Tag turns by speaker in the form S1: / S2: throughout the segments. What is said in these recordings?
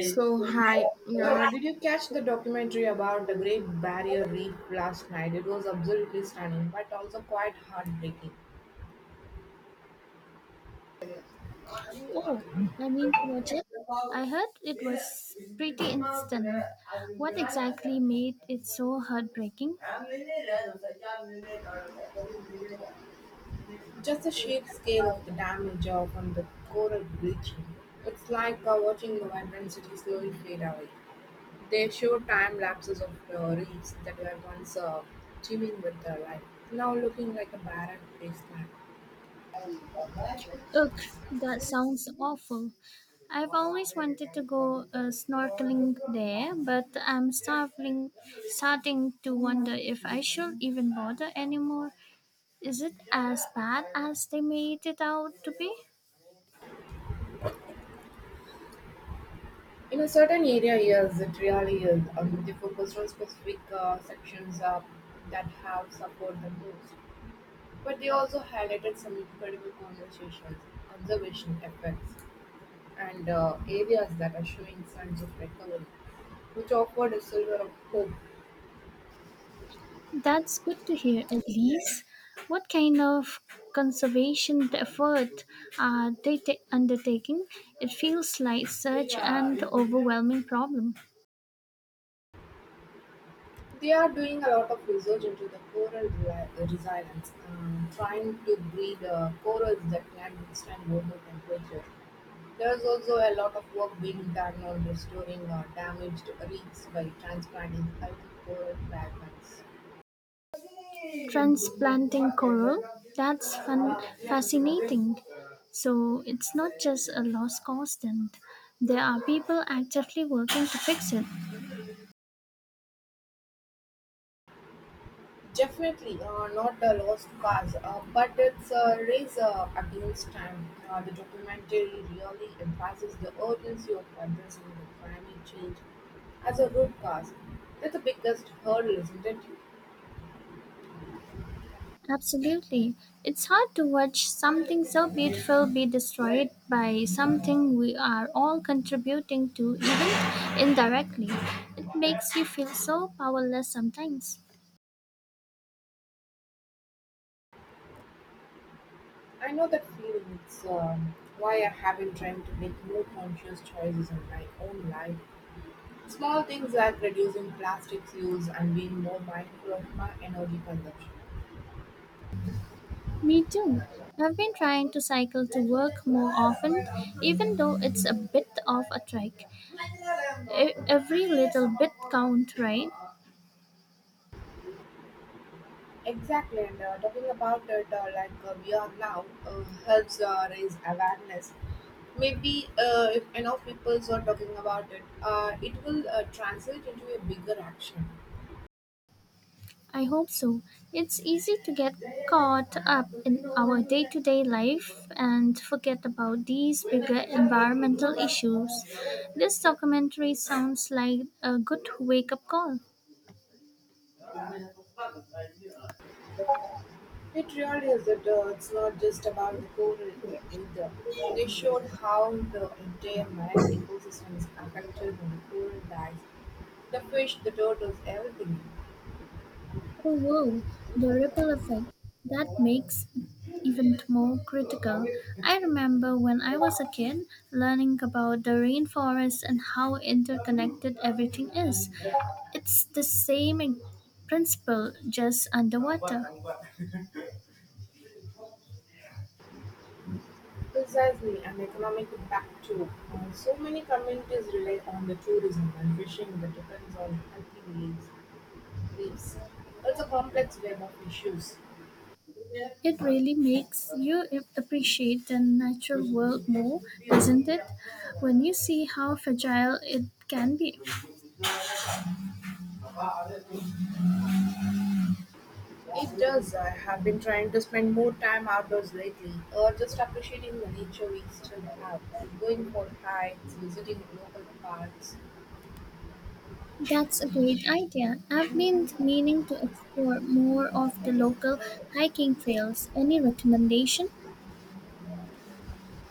S1: So, hi. Did you catch the documentary about the Great Barrier Reef last night? It was absolutely stunning, but also quite heartbreaking.
S2: Oh, I mean to watch it. I heard it was pretty instant. What exactly made it so heartbreaking?
S1: Just the sheer scale of the damage of and the coral bleaching. It's like watching the vibrant city slowly fade away. They show time lapses of reefs that were once teeming with life, now looking like a barren wasteland.
S2: Ugh, that sounds awful. I've always wanted to go snorkeling there, but starting to wonder if I should even bother anymore. Is it as bad as they made it out to be?
S1: In a certain area, yes, it really is. They focus on specific sections that have suffered the most. But they also highlighted some incredible conversations, observation effects, and areas that are showing signs of recovery, which offered a silver of hope.
S2: That's good to hear, Elise. What kind of conservation effort are they undertaking? It feels like such an overwhelming problem.
S1: They are doing a lot of research into the resilience, trying to breed corals that can withstand global temperature. There is also a lot of work being done on restoring damaged reefs by transplanting healthy coral fragments.
S2: Transplanting coral? That's fun, fascinating. So it's not just a lost cause, then. There are people actively working to fix it.
S1: Definitely not a lost cause, but it's a race against time. The documentary really emphasizes the urgency of addressing the climate change as a root cause. That's the biggest hurdle, isn't it?
S2: Absolutely. It's hard to watch something so beautiful be destroyed by something we are all contributing to, even indirectly. It makes you feel so powerless sometimes.
S1: I know that feeling. It's why I have been trying to make more conscious choices in my own life. Small things like reducing plastics use and being more mindful of my energy consumption.
S2: Me too. I've been trying to cycle to work more often, even though it's a bit of a trek. Every little bit count, right?
S1: Exactly, and talking about it like we are now helps raise awareness. Maybe if enough people are talking about it, it will translate into a bigger action.
S2: I hope so. It's easy to get caught up in our day to day life and forget about these bigger environmental issues. This documentary sounds like a good wake up call.
S1: It really is that it's not just about the coral either. They showed how the entire marine ecosystem is affected when the coral dies. The fish, the turtles, everything.
S2: Oh, whoa, the ripple effect. That makes it even more critical. I remember when I was a kid learning about the rainforest and how interconnected everything is. It's the same in principle, just underwater.
S1: Precisely, an economic impact too. So many communities rely on the tourism and fishing that depends on helping leaves. Reefs. It's a complex web of issues.
S2: It really makes you appreciate the natural world more, doesn't it? When you see how fragile it can be.
S1: It does. I have been trying to spend more time outdoors lately, or just appreciating the nature we still have. Going for hikes, visiting local parks.
S2: That's a great idea. I've been meaning to explore more of the local hiking trails. Any recommendation?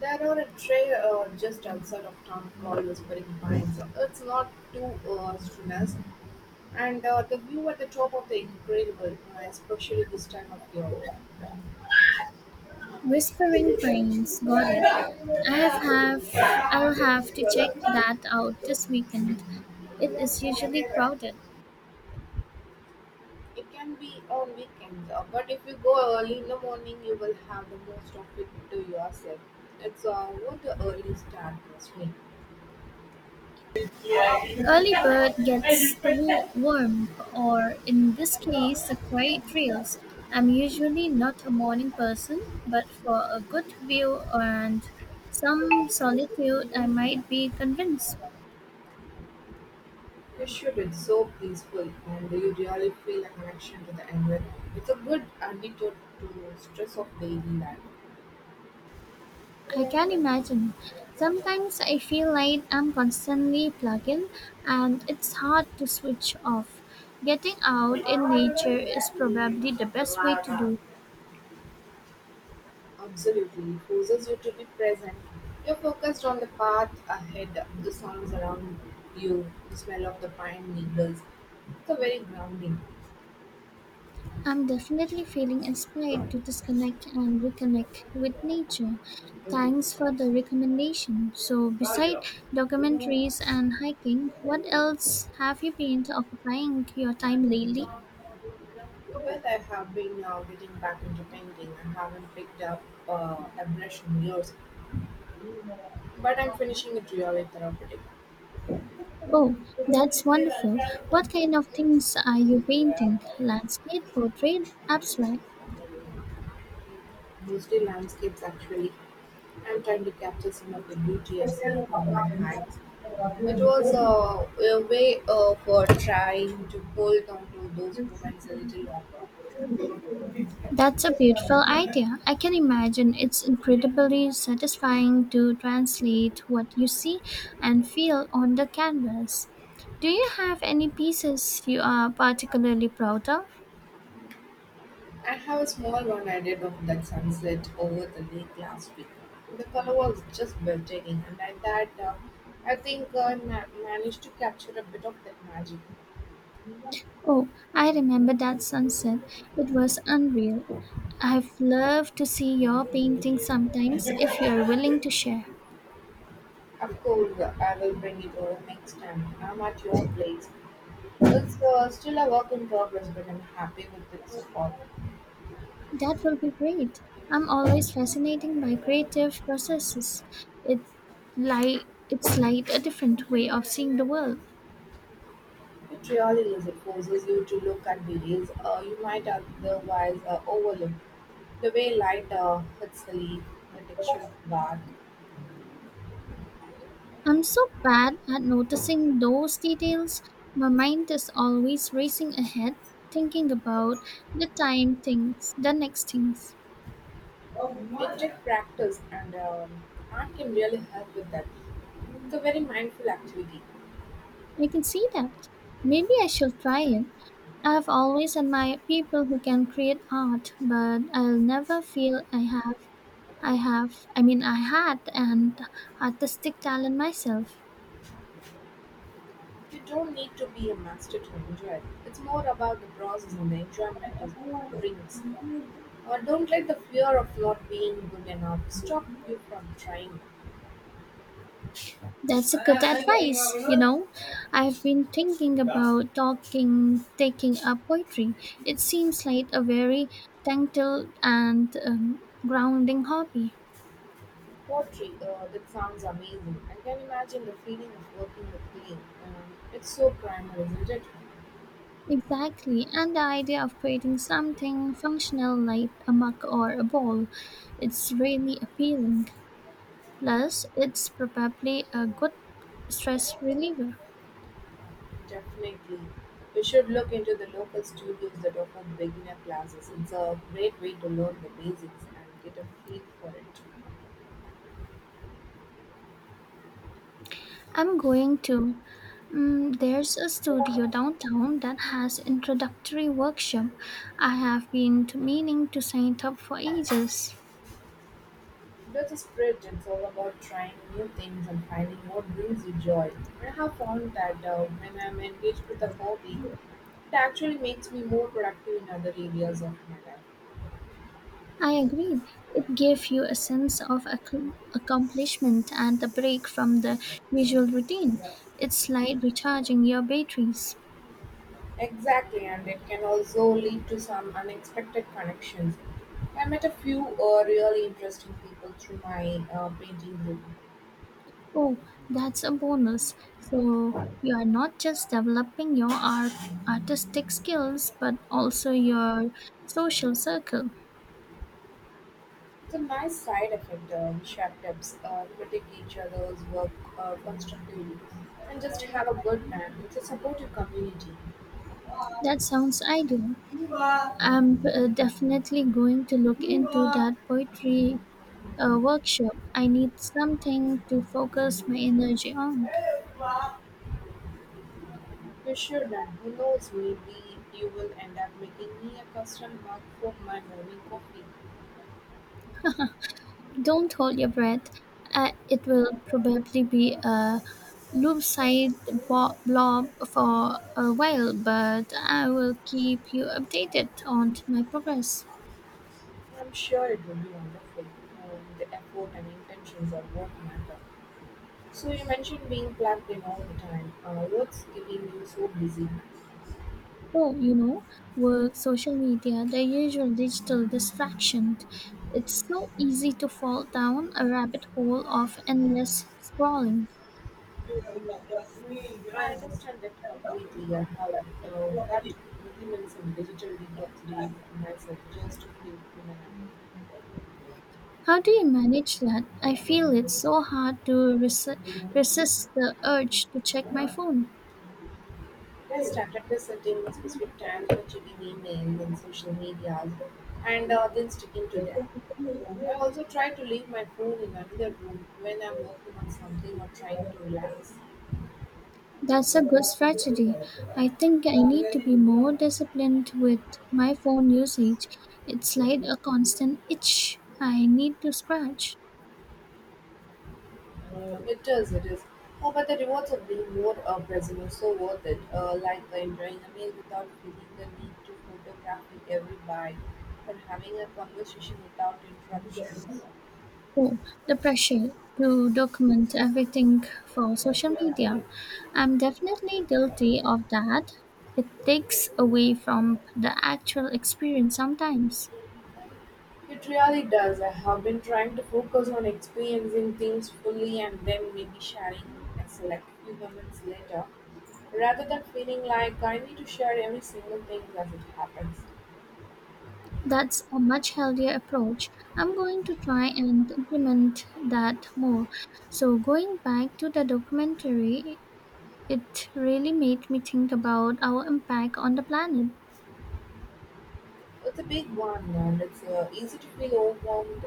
S1: There are a trail just outside of town called Whispering Pines. It's not too strenuous, and the view at the top of the incredible, especially this time of year.
S2: Whispering Pines, got it. I'll have to check that out this weekend. It is usually crowded.
S1: It can be on weekends, but if you go early in the morning, you will have the most of it to yourself. It's what the early start must mean.
S2: An early bird gets the worm, or in this case, the quiet trails. I'm usually not a morning person, but for a good view and some solitude, I might be convinced.
S1: You should. It's so peaceful, and you really feel a connection to the environment. It's a good antidote to stress of daily life.
S2: I can imagine. Sometimes I feel like I'm constantly plugged in, and it's hard to switch off. Getting out in nature is probably the best way to do.
S1: Absolutely, it forces you to be present. You're focused on the path ahead, the sounds around you, the smell of the pine needles. It's a very grounding.
S2: I'm definitely feeling inspired to disconnect and reconnect with nature. Thanks for the recommendation. So, beside documentaries and hiking, what else have you been occupying your time lately?
S1: Well, I have been now getting back into painting. I haven't picked up a brush in years, but I'm finishing it really therapeutic.
S2: Oh, that's wonderful. What kind of things are you painting? Landscape, portrait, abstract?
S1: Mostly landscapes, actually. I'm trying to capture some of the beauty I see on my hands. It was a way of for trying to hold on to those moments a little longer.
S2: That's a beautiful idea. I can imagine it's incredibly satisfying to translate what you see and feel on the canvas. Do you have any pieces you are particularly proud of?
S1: I have a small one I did of that sunset over the lake last week. The color was just breathtaking, and at that, I think I managed to capture a bit of that magic.
S2: Oh, I remember that sunset. It was unreal. I've loved to see your painting sometimes if you're willing to share.
S1: Of course, I will bring it over next time. I'm at your place. It's still a work in progress, but I'm happy with it so far.
S2: That will be great. I'm always fascinated by creative processes. It like it's like a different way of seeing the world.
S1: It really is. It forces you to look at details you might otherwise overlook. The way light hits the leaf, the texture of bark.
S2: I'm so bad at noticing those details. My mind is always racing ahead, thinking about the time things, the next things.
S1: It takes practice, and art can really help with that. It's a very mindful activity.
S2: I can see that. Maybe I should try it. I've always admired people who can create art, but I'll never feel I have I have, I mean, I had an artistic talent myself.
S1: You don't need to be a master to enjoy it. It's more about the process and the enjoyment it brings. Or don't let the fear of not being good enough stop you from trying.
S2: That's a good advice, you know. I've been thinking about taking up poetry. It seems like a very tactile and grounding hobby.
S1: Poetry, that sounds amazing. I can imagine the feeling of working with clay. It's so primal, isn't it?
S2: Exactly, and the idea of creating something functional like a mug or a bowl, it's really appealing. Plus, it's probably a good stress reliever.
S1: Definitely. You should look into the local studios that offer beginner classes. It's a great way to learn the basics and get a feel for it.
S2: I'm going to. Mm, there's a studio downtown that has introductory workshop. I have been to meaning to sign up for ages.
S1: That's a spirit. It's all about trying new things and finding what brings you joy. I have found that when I'm engaged with a hobby, it actually makes me more productive in other areas of my life.
S2: I agreed. It gave you a sense of accomplishment and a break from the usual routine. It's like recharging your batteries.
S1: Exactly, and it can also lead to some unexpected connections. I met a few really interesting people through my painting group.
S2: Oh, that's a bonus. So you are not just developing your artistic skills, but also your social circle.
S1: It's a nice side effect. We share tips, critique each other's work constructively, and just have a good time. It's a supportive community.
S2: That sounds ideal. I'm definitely going to look into that poetry workshop. I need something to focus my energy on.
S1: You should, and who knows, maybe you will end up making me a custom mug for my morning coffee.
S2: Don't hold your breath. It will probably be a loop-side blob for a while, but I will keep you updated on my progress.
S1: I'm sure it will be wonderful. The effort and intentions are what matter. So you mentioned being plugged in all the time. What's keeping you so busy?
S2: Oh, you know, work, social media, the usual digital distraction. It's so easy to fall down a rabbit hole of endless scrolling.
S1: I understand that completely. I have had to implement some digital detox days myself just to feel human again.
S2: How do you manage that? I feel it's so hard to resist the urge to check my phone.
S1: I started by setting specific times for checking email and social media and then sticking to them. I also try to leave my phone in another room when I'm working on something or trying to relax.
S2: That's a good strategy. I think I need to be more disciplined with my phone usage. It's like a constant itch I need to scratch.
S1: It is, it is. Oh, but the rewards of being more present are so worth it. Like enjoying a meal without feeling the need to photograph every bite, or having a conversation without interruptions.
S2: Oh, the pressure to document everything for social media. I'm definitely guilty of that. It takes away from the actual experience sometimes.
S1: It really does. I have been trying to focus on experiencing things fully and then maybe sharing a select few moments later, rather than feeling like I need to share every single thing as it happens.
S2: That's a much healthier approach. I'm going to try and implement that more. So, going back to the documentary, it really made me think about our impact on the planet.
S1: It's a big one, and it's easy to feel overwhelmed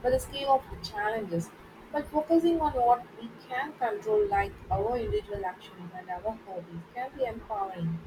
S1: by the scale of the challenges. But focusing on what we can control, like our individual actions and our hobbies, can be empowering.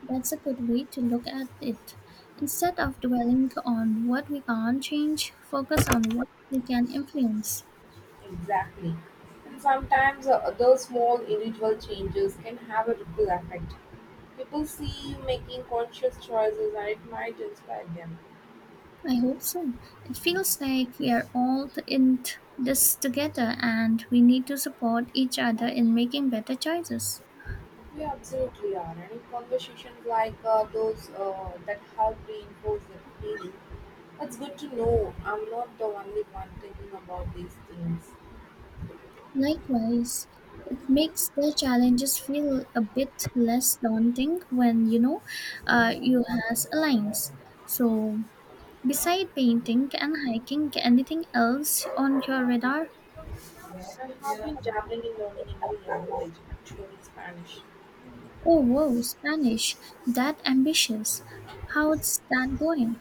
S2: That's a good way to look at it. Instead of dwelling on what we can't change, focus on what we can influence.
S1: Exactly. And sometimes those small individual changes can have a ripple effect. People see you making conscious choices and it might inspire them.
S2: I hope so. It feels like we are all t- in t- this together and we need to support each other in making better choices.
S1: Yeah, absolutely are. Any conversations like those that help reinforce the feeling. It's good to know I'm not the only one thinking about these things.
S2: Likewise, it makes the challenges feel a bit less daunting when you know you has aligns. So, beside painting and hiking, anything else on your radar?
S1: I have been dabbling in learning a new language, actually Spanish.
S2: Oh wow, Spanish. That ambitious. How's that going?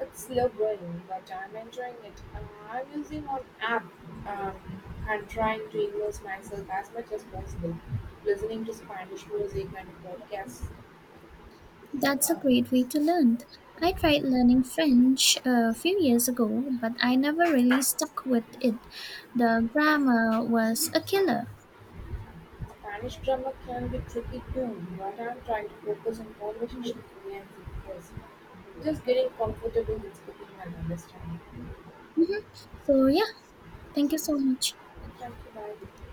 S1: It's slow growing, but I'm enjoying it. I'm using an app um, and trying to immerse myself as much as possible, listening to Spanish music and podcasts.
S2: That's a great way to learn. I tried learning French a few years ago, but I never really stuck with it. The grammar was a killer.
S1: Spanish grammar can be tricky too, but I'm trying to focus on conversational fluency first, just getting comfortable in speaking and understanding.
S2: Hmm. So yeah, thank you so much.
S1: Thank you, bye.